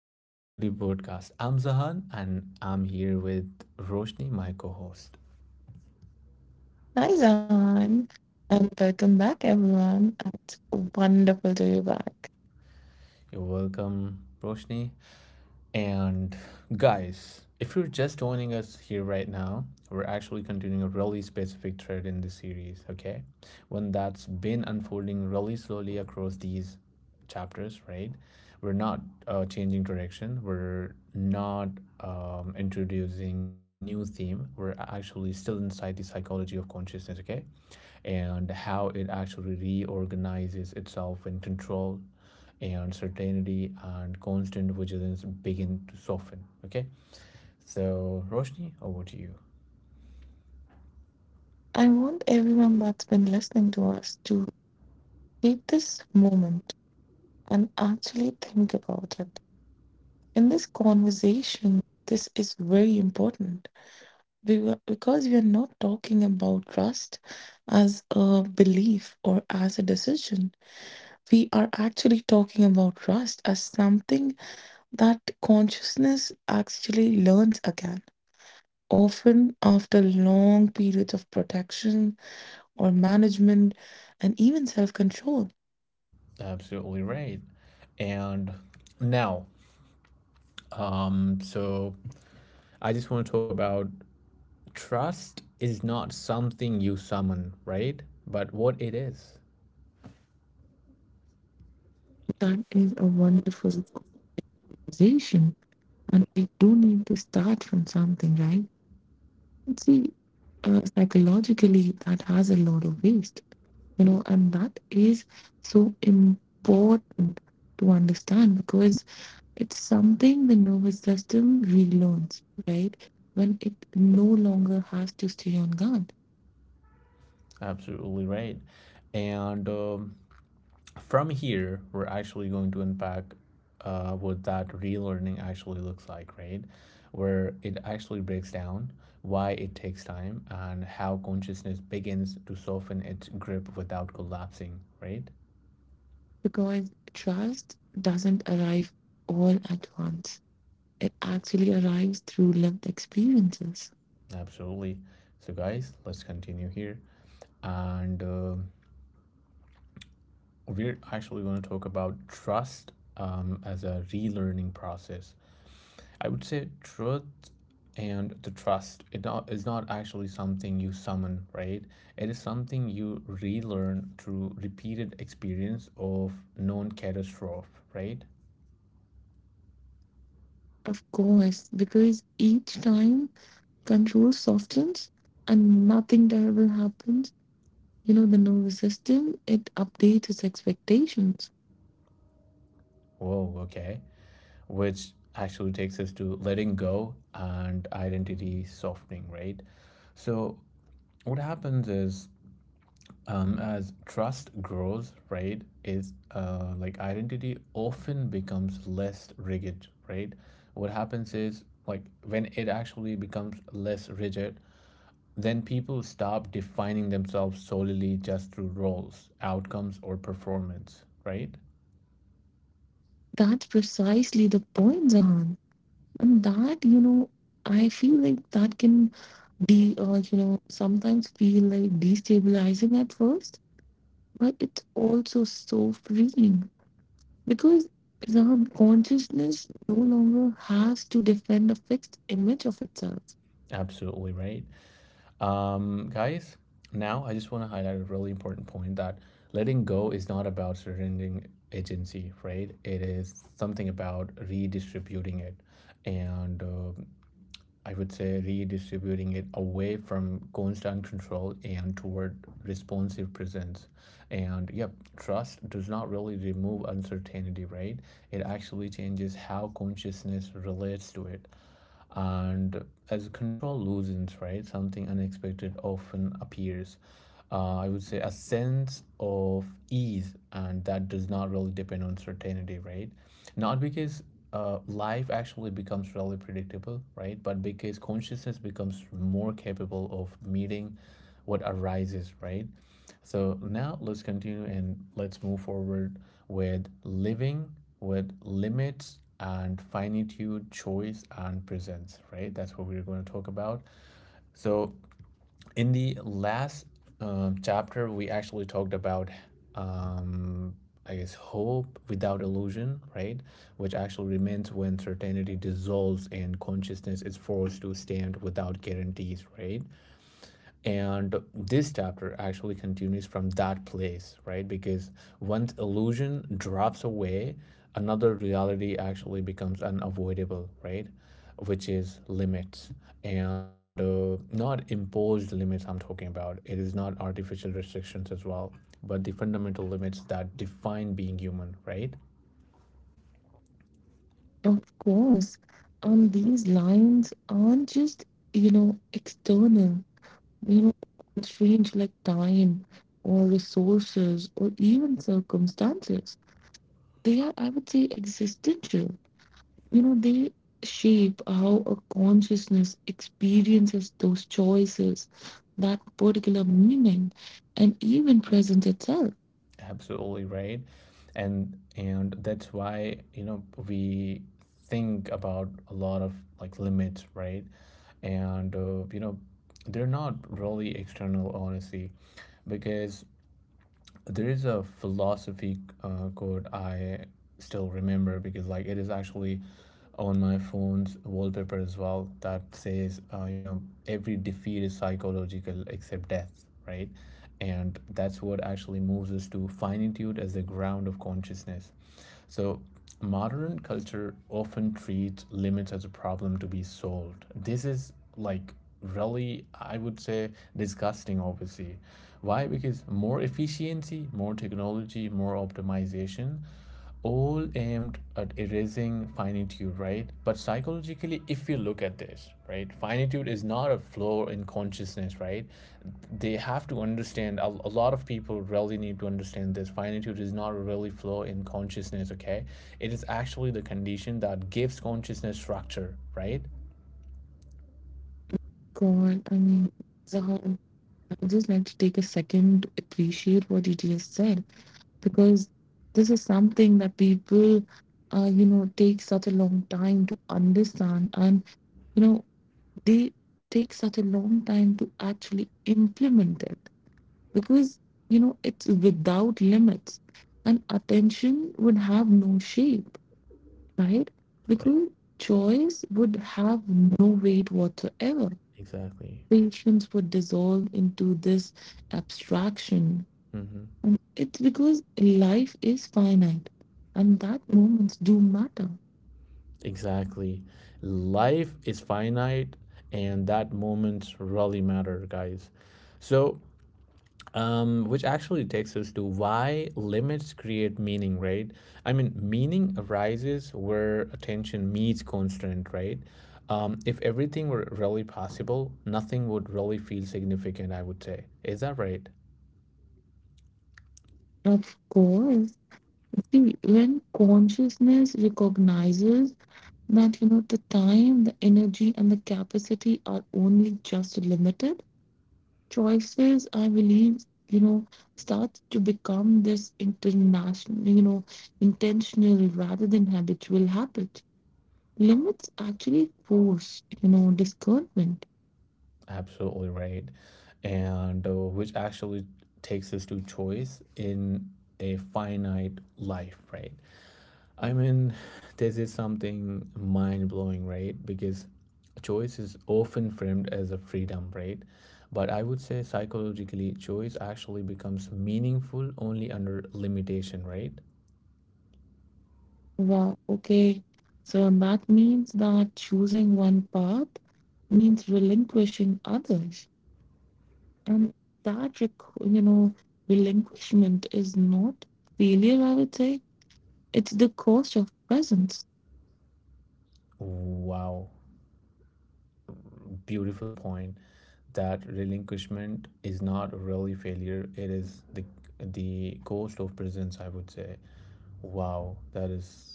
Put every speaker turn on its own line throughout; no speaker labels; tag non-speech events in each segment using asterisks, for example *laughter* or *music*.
Welcome back to the podcast. I'm Zahan, and I'm here with Roshni, my co host.
Hi, Zan, and welcome back, everyone. It's wonderful to be back.
You're welcome, Roshni. And guys, if you're just joining us here right now, we're actually continuing a really specific thread in this series, okay? One that's been unfolding really slowly across these chapters, right? We're not changing direction, we're not introducing a new theme, we're actually still inside the psychology of consciousness, okay? And how it actually reorganizes itself in control and certainty and constant vigilance begin to soften. Okay, so Roshni, over to you.
I want everyone that's been listening to us to take this moment and actually think about it. In this conversation, this is very important because we are not talking about trust as a belief or as a decision. We are actually talking about trust as something that consciousness actually learns again, often after long periods of protection or management and even self control.
Absolutely right. And now, so I just want to talk about trust is not something you summon, right? But what it is.
That is a wonderful conversation. And we do need to start from something, right? And see, psychologically, that has a lot of waste, you know, and that is so important to understand because it's something the nervous system relearns, right? When it no longer has to stay on guard,
Absolutely right. And From here, we're actually going to unpack what that relearning actually looks like, right? Where it actually breaks down why it takes time and how consciousness begins to soften its grip without collapsing, right?
because trust doesn't arrive all at once. It actually arrives through lived experiences.
Absolutely. So, guys, let's continue here. And We're actually going to talk about trust as a relearning process. I would say truth and the trust it not, is not actually something you summon, right? It is something you relearn through repeated experience of known catastrophe, right?
Of course, because each time control softens and nothing terrible happens, you know, the nervous system, it updates its expectations.
Whoa, okay. Which actually takes us to letting go and identity softening, right? So, what happens is as trust grows, right, is like identity often becomes less rigid, right? What happens is like when it actually becomes less rigid, then people stop defining themselves solely just through roles, outcomes, or performance, right?
That's precisely the point, Zahan. And that, you know, I feel like that can be, or, you know, sometimes feel like destabilizing at first, but it's also so freeing because now consciousness no longer has to defend a fixed image of itself.
Absolutely right. Guys, now I just want to highlight a really important point that letting go is not about surrendering agency, right? It is something about redistributing it. And I would say redistributing it away from constant control and toward responsive presence. And yep, trust does not really remove uncertainty, right? It actually changes how consciousness relates to it. And as control loosens, right, something unexpected often appears I would say a sense of ease, and that does not really depend on certainty, right? Not because life actually becomes really predictable, right? But because consciousness becomes more capable of meeting what arises, right? So now let's continue and let's move forward with living with limits and finitude, choice, and presence, right? That's what we're going to talk about. So in the last chapter we actually talked about um, I guess hope without illusion, right, which actually remains when certainty dissolves and consciousness is forced to stand without guarantees, right? And this chapter actually continues from that place, right, because once illusion drops away, another reality actually becomes unavoidable, right, which is limits. And Not imposed limits, I'm talking about it is not artificial restrictions as well, but the fundamental limits that define being human, right?
Of course, these lines aren't just, you know, external, you know, strange, like time or resources or even circumstances. They are, I would say, existential. You know, they shape how a consciousness experiences those choices, that particular meaning, and even presents itself.
Absolutely right. And that's why, you know, we think about a lot of like limits, right? and You know, they're not really external honestly, because there is a philosophy quote I still remember because like it is actually on my phone's wallpaper as well that says, you know, every defeat is psychological except death, right? And that's what actually moves us to finitude as the ground of consciousness. So modern culture often treats limits as a problem to be solved. This is like really I would say disgusting obviously. Why? Because more efficiency, more technology, more optimization all aimed at erasing finite finitude, right? But psychologically, if you look at this, right, finitude is not a flaw in consciousness, right? They have to understand, a lot of people really need to understand this. Finitude is not really a flaw in consciousness, okay? It is actually the condition that gives consciousness structure, right?
God, I mean, Zahan, I'd just like to take a second to appreciate what you just said, because this is something that people, you know, take such a long time to understand, and, you know, they take such a long time to actually implement it because, you know, it's without limits, and attention would have no shape, right?
Right,
Because choice would have no weight whatsoever.
exactly.
Patience would dissolve into this abstraction.
Mm-hmm.
And it's because life is finite and that moments do matter.
Exactly. Life is finite, and that moments really matter, guys. So, which actually takes us to why limits create meaning, right? I mean, meaning arises where attention meets constraint, right? If everything were really possible, nothing would really feel significant, I would say. Is that right?
Of course, see, when consciousness recognizes that, you know, the time, the energy, and the capacity are only just limited, choices, I believe, you know, starts to become this international, you know, intentional rather than habitual habit. Limits actually force, you know, discernment.
Absolutely right. And Which actually takes us to choice in a finite life, right? I mean, this is something mind blowing, right? Because choice is often framed as a freedom, right? But I would say psychologically, choice actually becomes meaningful only under limitation, right?
Wow, okay, so that means that choosing one path means relinquishing others, and that you know, relinquishment is not failure, I would say. It's the cost of presence.
Wow, beautiful point. That relinquishment is not really failure, it is the cost of presence, I would say. Wow, that is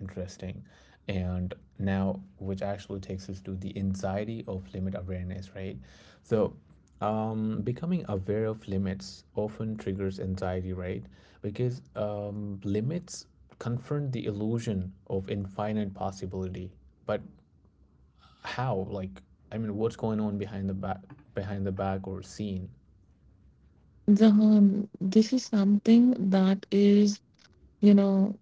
interesting. And now, which actually takes us to the anxiety of limit awareness, right? So, becoming aware of limits often triggers anxiety, right? Because limits confront the illusion of infinite possibility. But how? Like, I mean, what's going on behind the back or scene?
Jahan, this is something that is, you know,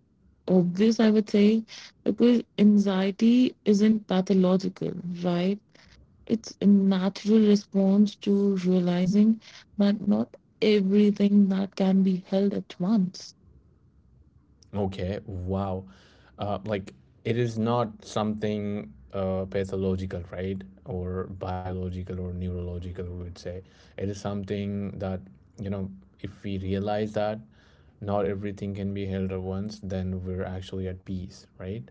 obvious, I would say, because anxiety isn't pathological, right? It's a natural response to realizing that not everything that can be held at once.
Okay, wow. Like it is not something pathological, right? Or biological or neurological, we would say. It is something that, you know, if we realize that not everything can be held at once, then we're actually at peace, right?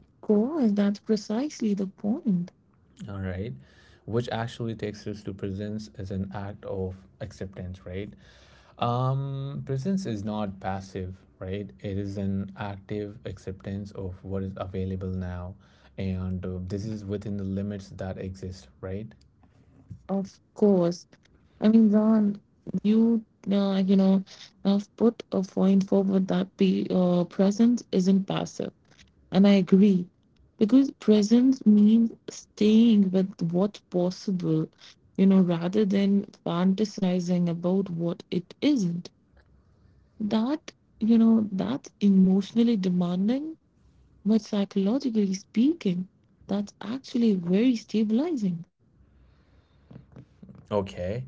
Of course, that's precisely the point.
All right. Which actually takes us to presence as an act of acceptance, right? Presence is not passive, right? It is an active acceptance of what is available now, and this is within the limits that exist, right?
Of course. I mean, John, you, you know, have put a point forward that the present isn't passive. And I agree, because presence means staying with what's possible, you know, rather than fantasizing about what it isn't. That, you know, that's emotionally demanding, but psychologically speaking, that's actually very stabilizing.
Okay.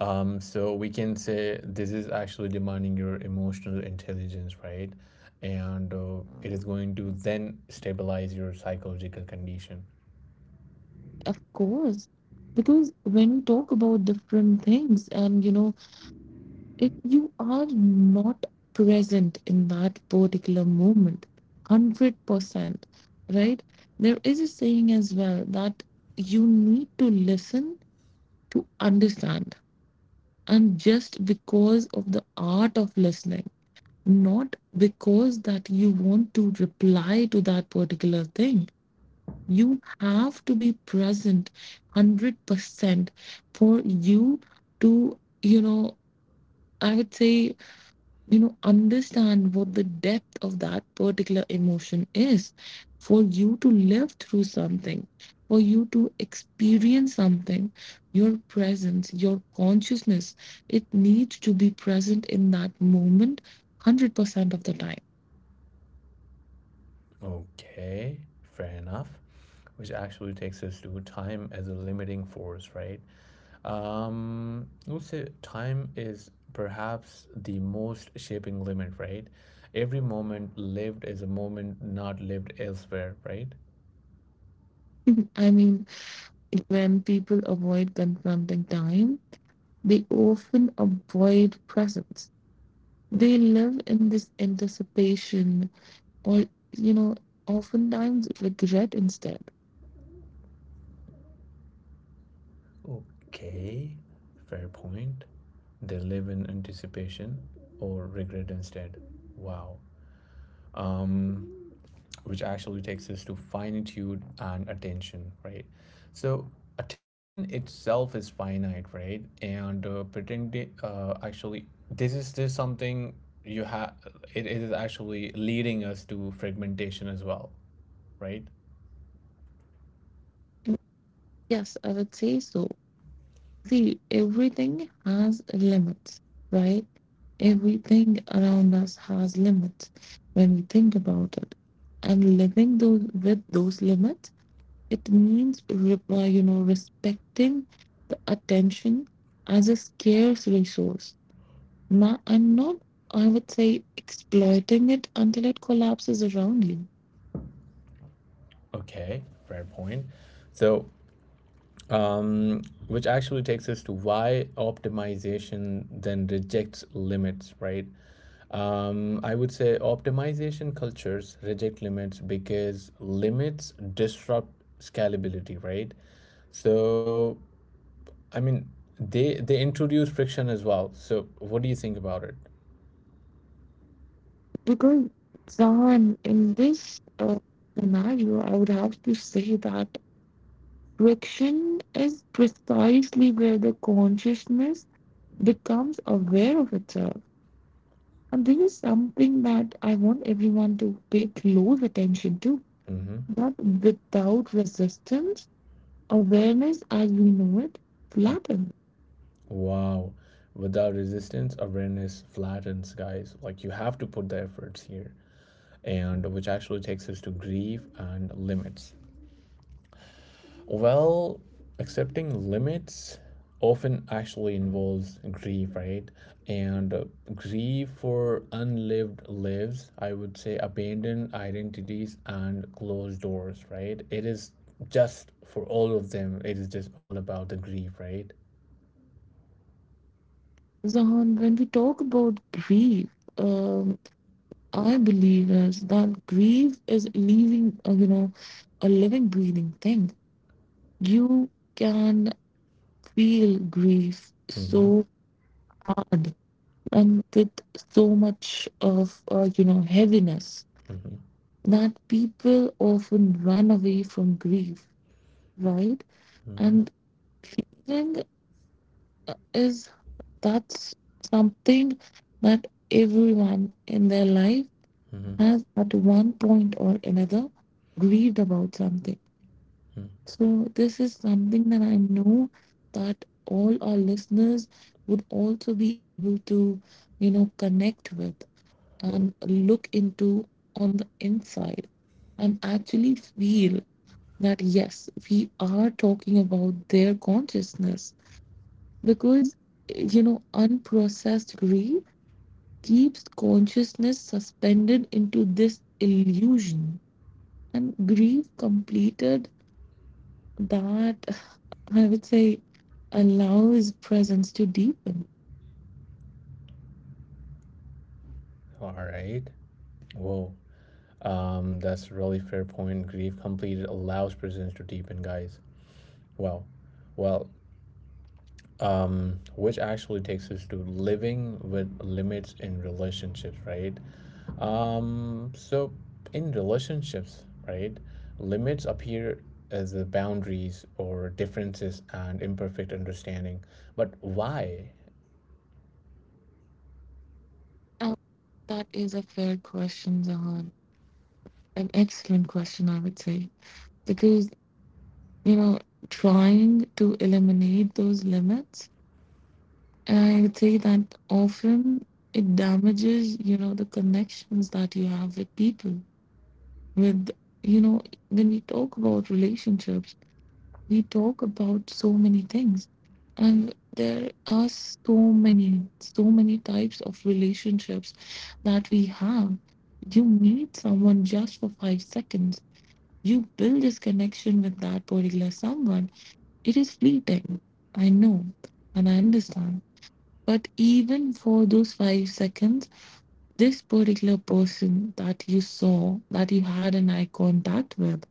So we can say this is actually demanding your emotional intelligence, right? And It is going to then stabilize your psychological condition.
Of course, because when we talk about different things, and, you know, if you are not present in that particular moment 100%, right, there is a saying as well that you need to listen to understand, and just because of the art of listening, not because that you want to reply to that particular thing, you have to be present 100% for you to, you know, I would say, you know, understand what the depth of that particular emotion is, for you to live through something, for you to experience something, your presence, your consciousness, it needs to be present in that moment 100% of the time.
Okay, fair enough. Which actually takes us to time as a limiting force, right? I would say time is perhaps the most shaping limit, right? Every moment lived is a moment not lived elsewhere, right?
*laughs* I mean, when people avoid confronting time, they often avoid presence. They live in this anticipation, or, you know, oftentimes regret instead.
Okay, fair point. They live in anticipation or regret instead. Wow. Um, which actually takes us to finitude and attention, right? So attention itself is finite, right? And actually, this is this something you have. It is actually leading us to fragmentation as well, right?
Mm, yes, I would say so. See, everything has limits, right? Everything around us has limits when we think about it. And living those with those limits, it means, you know, respecting the attention as a scarce resource. Now, and not, I would say, exploiting it until it collapses around you.
Okay, fair point. So which actually takes us to why optimization then rejects limits, right? I would say optimization cultures reject limits because limits disrupt scalability, right? So, I mean, they introduce friction as well. So, what do you think about it?
Because, John, in this scenario, I would have to say that friction is precisely where the consciousness becomes aware of itself. And this is something that I want everyone to pay close attention to.
Mm-hmm.
But without resistance, awareness as we know it flattens.
Wow. Without resistance, awareness flattens, guys. Like you have to put the efforts here. And which actually takes us to grief and limits. Well, accepting limits often actually involves grief, right? And Grief for unlived lives, I would say abandoned identities and closed doors, right? It is just for all of them, it is just all about the grief, right?
Zahan, when we talk about grief, um, I believe as that grief is leaving, you know, a living, breathing thing. You can feel grief
Mm-hmm.
so hard and with so much of, you know, heaviness,
Mm-hmm.
that people often run away from grief, right?
Mm-hmm.
And thing is, that's something that everyone in their life
Mm-hmm.
has at one point or another grieved about something. So, this is something that I know that all our listeners would also be able to, you know, connect with and look into on the inside, and actually feel that yes, we are talking about their consciousness, because, you know, unprocessed grief keeps consciousness suspended into this illusion. And grief completed, that, I would say, allows presence to deepen.
All right. Whoa. That's really fair point. Grief completed allows prisons to deepen, guys. Wow. Well, which actually takes us to living with limits in relationships, right? So in relationships, right, limits appear as the boundaries or differences and imperfect understanding. But why?
Uh, That is a fair question, Zahan. An excellent question, I would say. Because, you know, trying to eliminate those limits, I would say that often it damages, you know, the connections that you have with people. With, you know, when we talk about relationships, we talk about so many things, and there are so many types of relationships that we have. You meet someone just for 5 seconds, you build this connection with that particular someone. It is fleeting, I know, and I understand, but even for those 5 seconds, this particular person that you saw, that you had an eye contact with,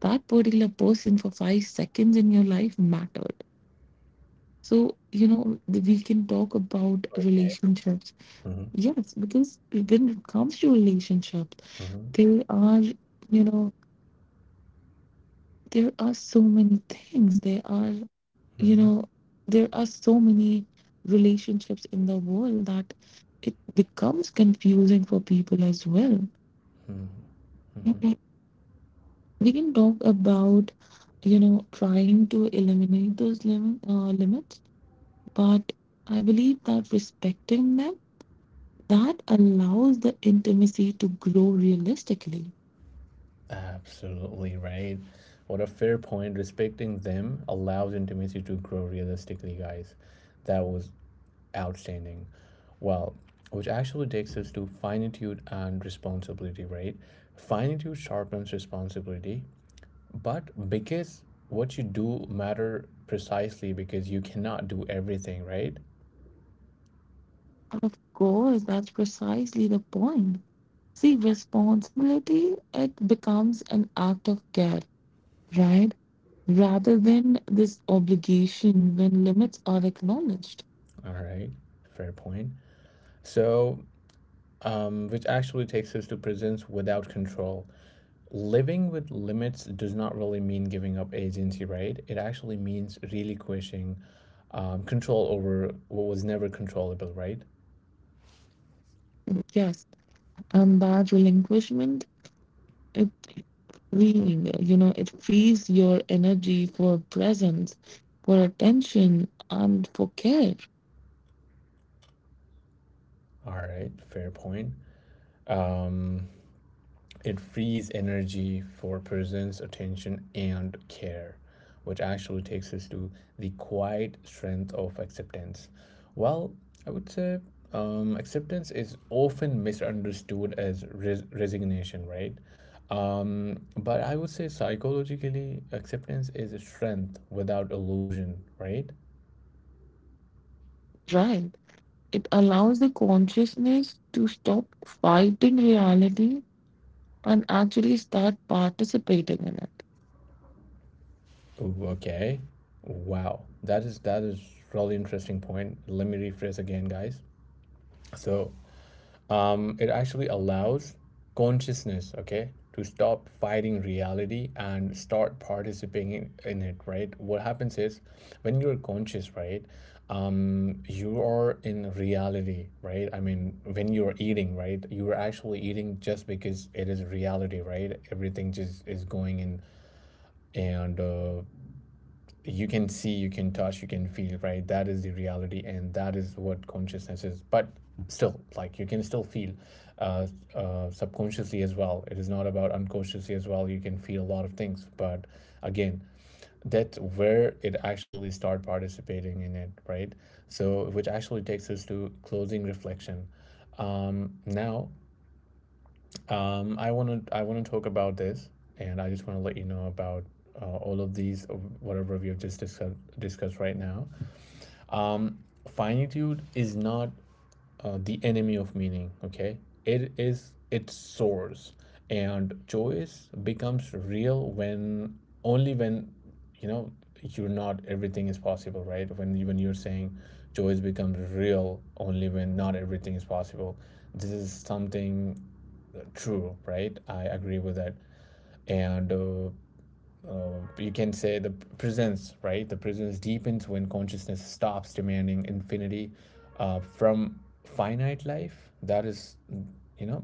that particular person for 5 seconds in your life mattered. So, you know, we can talk about
Okay.
relationships.
Mm-hmm.
Yes, because when it comes to relationships,
Mm-hmm.
there are, you know, there are so many things. There are, you
Mm-hmm.
know, there are so many relationships in the world that it becomes confusing for people as well.
Mm-hmm.
Okay. We can talk about, you know, trying to eliminate those limits, but I believe that respecting them, that allows the intimacy to grow realistically.
Absolutely right. What a fair point. Respecting them allows intimacy to grow realistically, guys. That was outstanding. Well, which actually takes us to finitude and responsibility, right? Finitude sharpens responsibility, but because what you do matter precisely because you cannot do everything, right?
Of course, that's precisely the point. See, responsibility, it becomes an act of care, right? Rather than this obligation when limits are acknowledged.
All right, fair point. So, which actually takes us to presence without control. Living with limits does not really mean giving up agency, right? It actually means relinquishing control over what was never controllable, right?
Yes, and that relinquishment, it freeing, you know, it frees your energy for presence, for attention, and for care,
All right, fair point. Um, It frees energy for presence, attention, and care, which actually takes us to the quiet strength of acceptance. Well, I would say acceptance is often misunderstood as resignation, right? But I would say psychologically, acceptance is a strength without illusion, right?
right? It allows the consciousness to stop fighting reality and actually start participating in it.
Ooh, okay. Wow. That is really interesting point. Let me rephrase again, guys. So it actually allows consciousness, okay, to stop fighting reality and start participating in it, right? What happens is when you're conscious, right, um, you are in reality, right? I mean, when you're eating, right, you're actually eating just because it is reality, right? Everything just is going in. And You can see, you can touch, you can feel, right? That is the reality, and that is what consciousness is. But still, like you can still feel uh, subconsciously as well. It is not about unconsciously as well. You can feel a lot of things, but again, that's where it actually start participating in it, right? So, which actually takes us to closing reflection. Now, I want to talk about this, and I just want to let you know about all of these whatever we have just discussed right now. Um, finitude is not the enemy of meaning. Okay, it is its source, and choice becomes real when only when, you know, you're not everything is possible, right? When even you're saying choice becomes real only when not everything is possible, this is something true, right? I agree with that. And You can say the presence, right? The presence deepens when consciousness stops demanding infinity from finite life. That is, you know,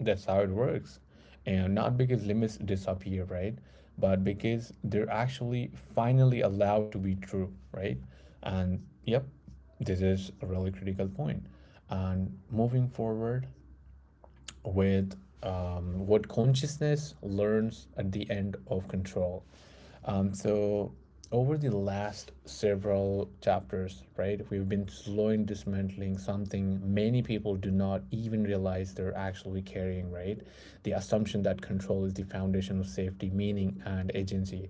that's how it works. And not because limits disappear, right? But because they're actually finally allowed to be true, right? And yep, this is a really critical point. And moving forward, with what consciousness learns at the end of control. So, over the last several chapters, right, we've been slowly dismantling something many people do not even realize they're actually carrying, right? The assumption that control is the foundation of safety, meaning, and agency.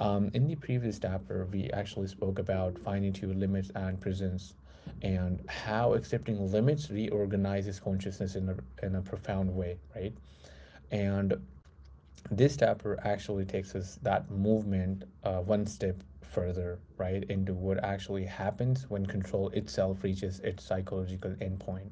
In the previous chapter, we actually spoke about finitude, limits, and presence, and how accepting limits reorganizes consciousness in a profound way, right? And this chapter actually takes us that movement one step further, right, into what actually happens when control itself reaches its psychological endpoint,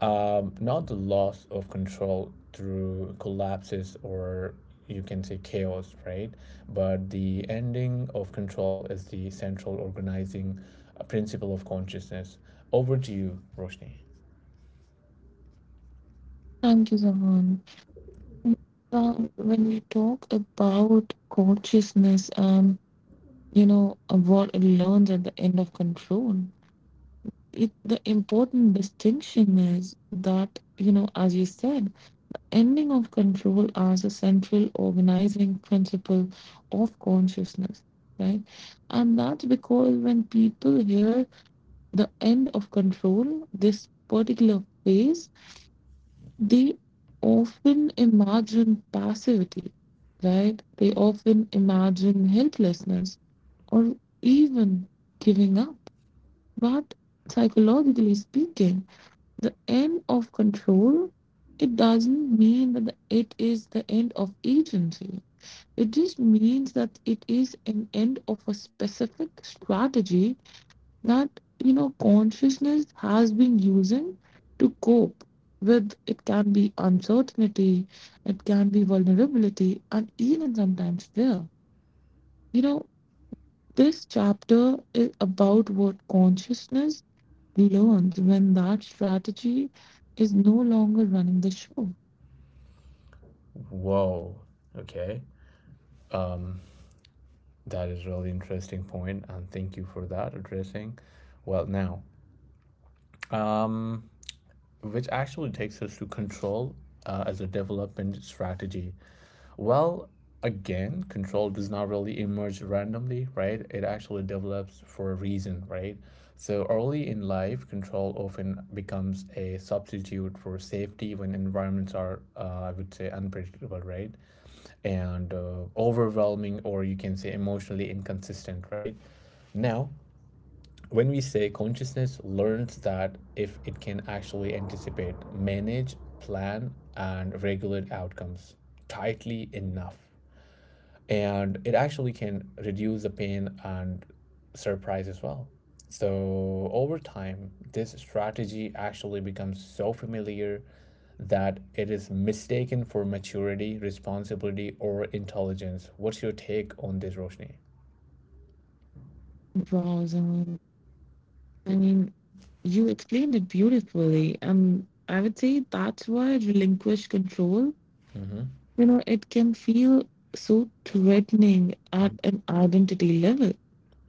not the loss of control through collapses or you can say chaos, right? But the ending of control is the central organizing principle of consciousness. Over to you, Roshni.
Thank you, Zahan. When we talk about consciousness and, you know, what it learns at the end of control, it the important distinction is that, you know, as you said, ending of control as a central organizing principle of consciousness, right? And that's because when people hear the end of control, this particular phase, they often imagine passivity, right? They often imagine helplessness, or even giving up. But psychologically speaking, the end of control, it doesn't mean that it is the end of agency. It just means that it is an end of a specific strategy that, you know, consciousness has been using to cope with. It can be uncertainty, it can be vulnerability, and even sometimes fear. You know, this chapter is about what consciousness learns when that strategy is no longer running the show.
Whoa. Okay. Um, that is really interesting point, and thank you for that addressing. Well, now, um, which actually takes us to control as a development strategy. Well, again, control does not really emerge randomly, right? It actually develops for a reason, right? So early in life, control often becomes a substitute for safety when environments are, I would say, unpredictable, right? And overwhelming, or you can say emotionally inconsistent, right? Now, when we say consciousness learns that if it can actually anticipate, manage, plan, and regulate outcomes tightly enough, and it actually can reduce the pain and surprise as well. So, over time, this strategy actually becomes so familiar that it is mistaken for maturity, responsibility, or intelligence. What's your take on this, Roshni?
Wow, Zaman. I mean, you explained it beautifully, and I would say that's why relinquish control,
Mm-hmm.
you know, it can feel so threatening at
Mm-hmm.
an identity level.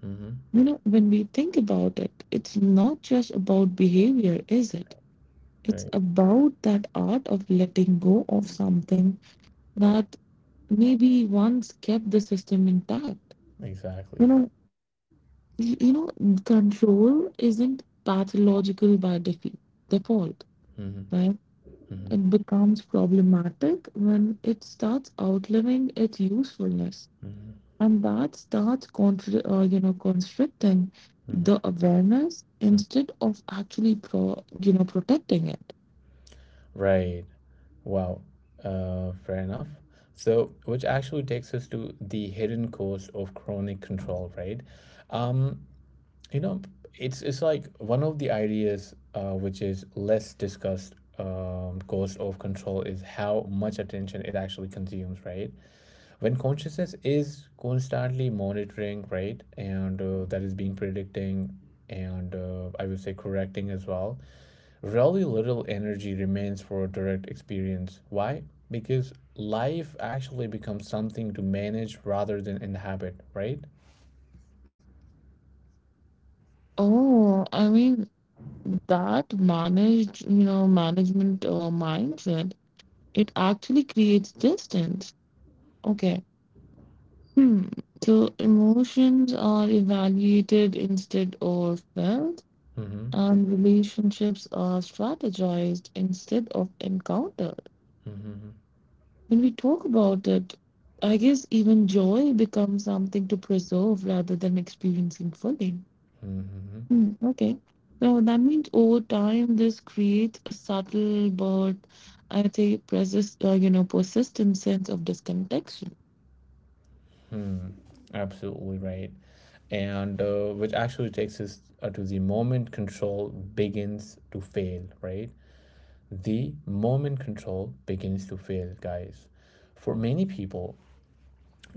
Mm-hmm.
You know, when we think about it, it's not just about behavior, is it? It's
Great.
about that art of letting go of something that maybe once kept the system intact. You
Exactly.
know, you know control isn't pathological by default,
Mm-hmm.
right?
Mm-hmm.
It becomes problematic when it starts outliving its usefulness,
Mm-hmm.
and that starts you know, constricting
Mm-hmm.
the awareness instead of actually pro you know, protecting it.
Right. Wow. Fair enough. So, which actually takes us to the hidden cost of chronic control, right? Um, you know, it's like one of the ideas which is less discussed cost of control is how much attention it actually consumes, right? When consciousness is constantly monitoring, right, and that is being predicting, and I would say correcting as well, really little energy remains for direct experience. Why? Because life actually becomes something to manage rather than inhabit, right?
Oh, I mean, that managed, you know, management, mindset, it actually creates distance. Okay. Hmm. So emotions are evaluated instead of felt,
Mm-hmm.
and relationships are strategized instead of encountered.
Mm-hmm.
When we talk about it, I guess even joy becomes something to preserve rather than experiencing fully.
Mm-hmm.
Hmm, okay. So that means over time, this creates a subtle but, I'd say, you know, persistent sense of disconnection.
Hmm. Absolutely right. And which actually takes us to the moment control begins to fail, right? The moment control begins to fail, guys. For many people,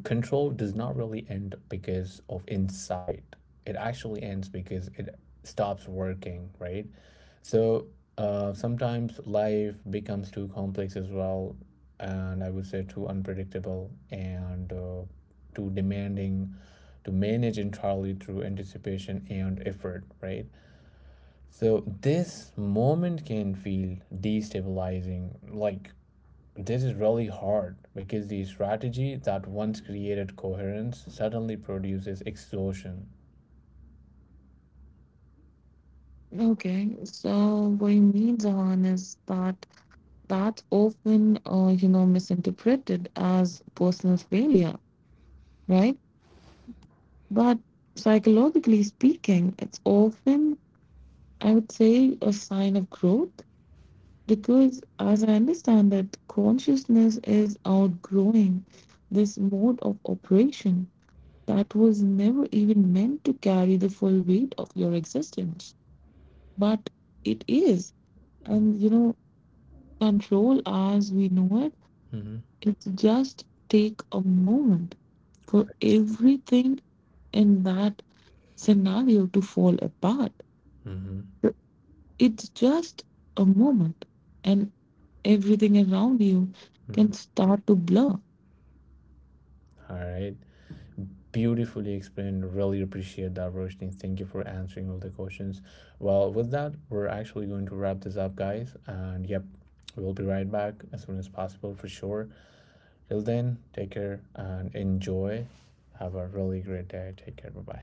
control does not really end because of insight. It actually ends because it stops working, right? So sometimes life becomes too complex as well, and I would say too unpredictable and too demanding to manage entirely through anticipation and effort, right? So this moment can feel destabilizing, like this is really hard because the strategy that once created coherence suddenly produces exhaustion.
Okay, so what you mean, Zahan, is that that's often, you know, misinterpreted as personal failure, right? But psychologically speaking, it's often, I would say, a sign of growth because, as I understand, that consciousness is outgrowing this mode of operation that was never even meant to carry the full weight of your existence, but it is. And you know, control as we know it,
Mm-hmm.
it's just take a moment for everything in that scenario to fall apart.
Mm-hmm.
It's just a moment, and everything around you can
Mm-hmm.
start to blur.
All right. Beautifully explained. Really appreciate that, Roshni. Thank you for answering all the questions. Well, with that, we're actually going to wrap this up, guys. And yep, we'll be right back as soon as possible for sure. Till then, take care and enjoy. Have a really great day. Take care. Bye bye.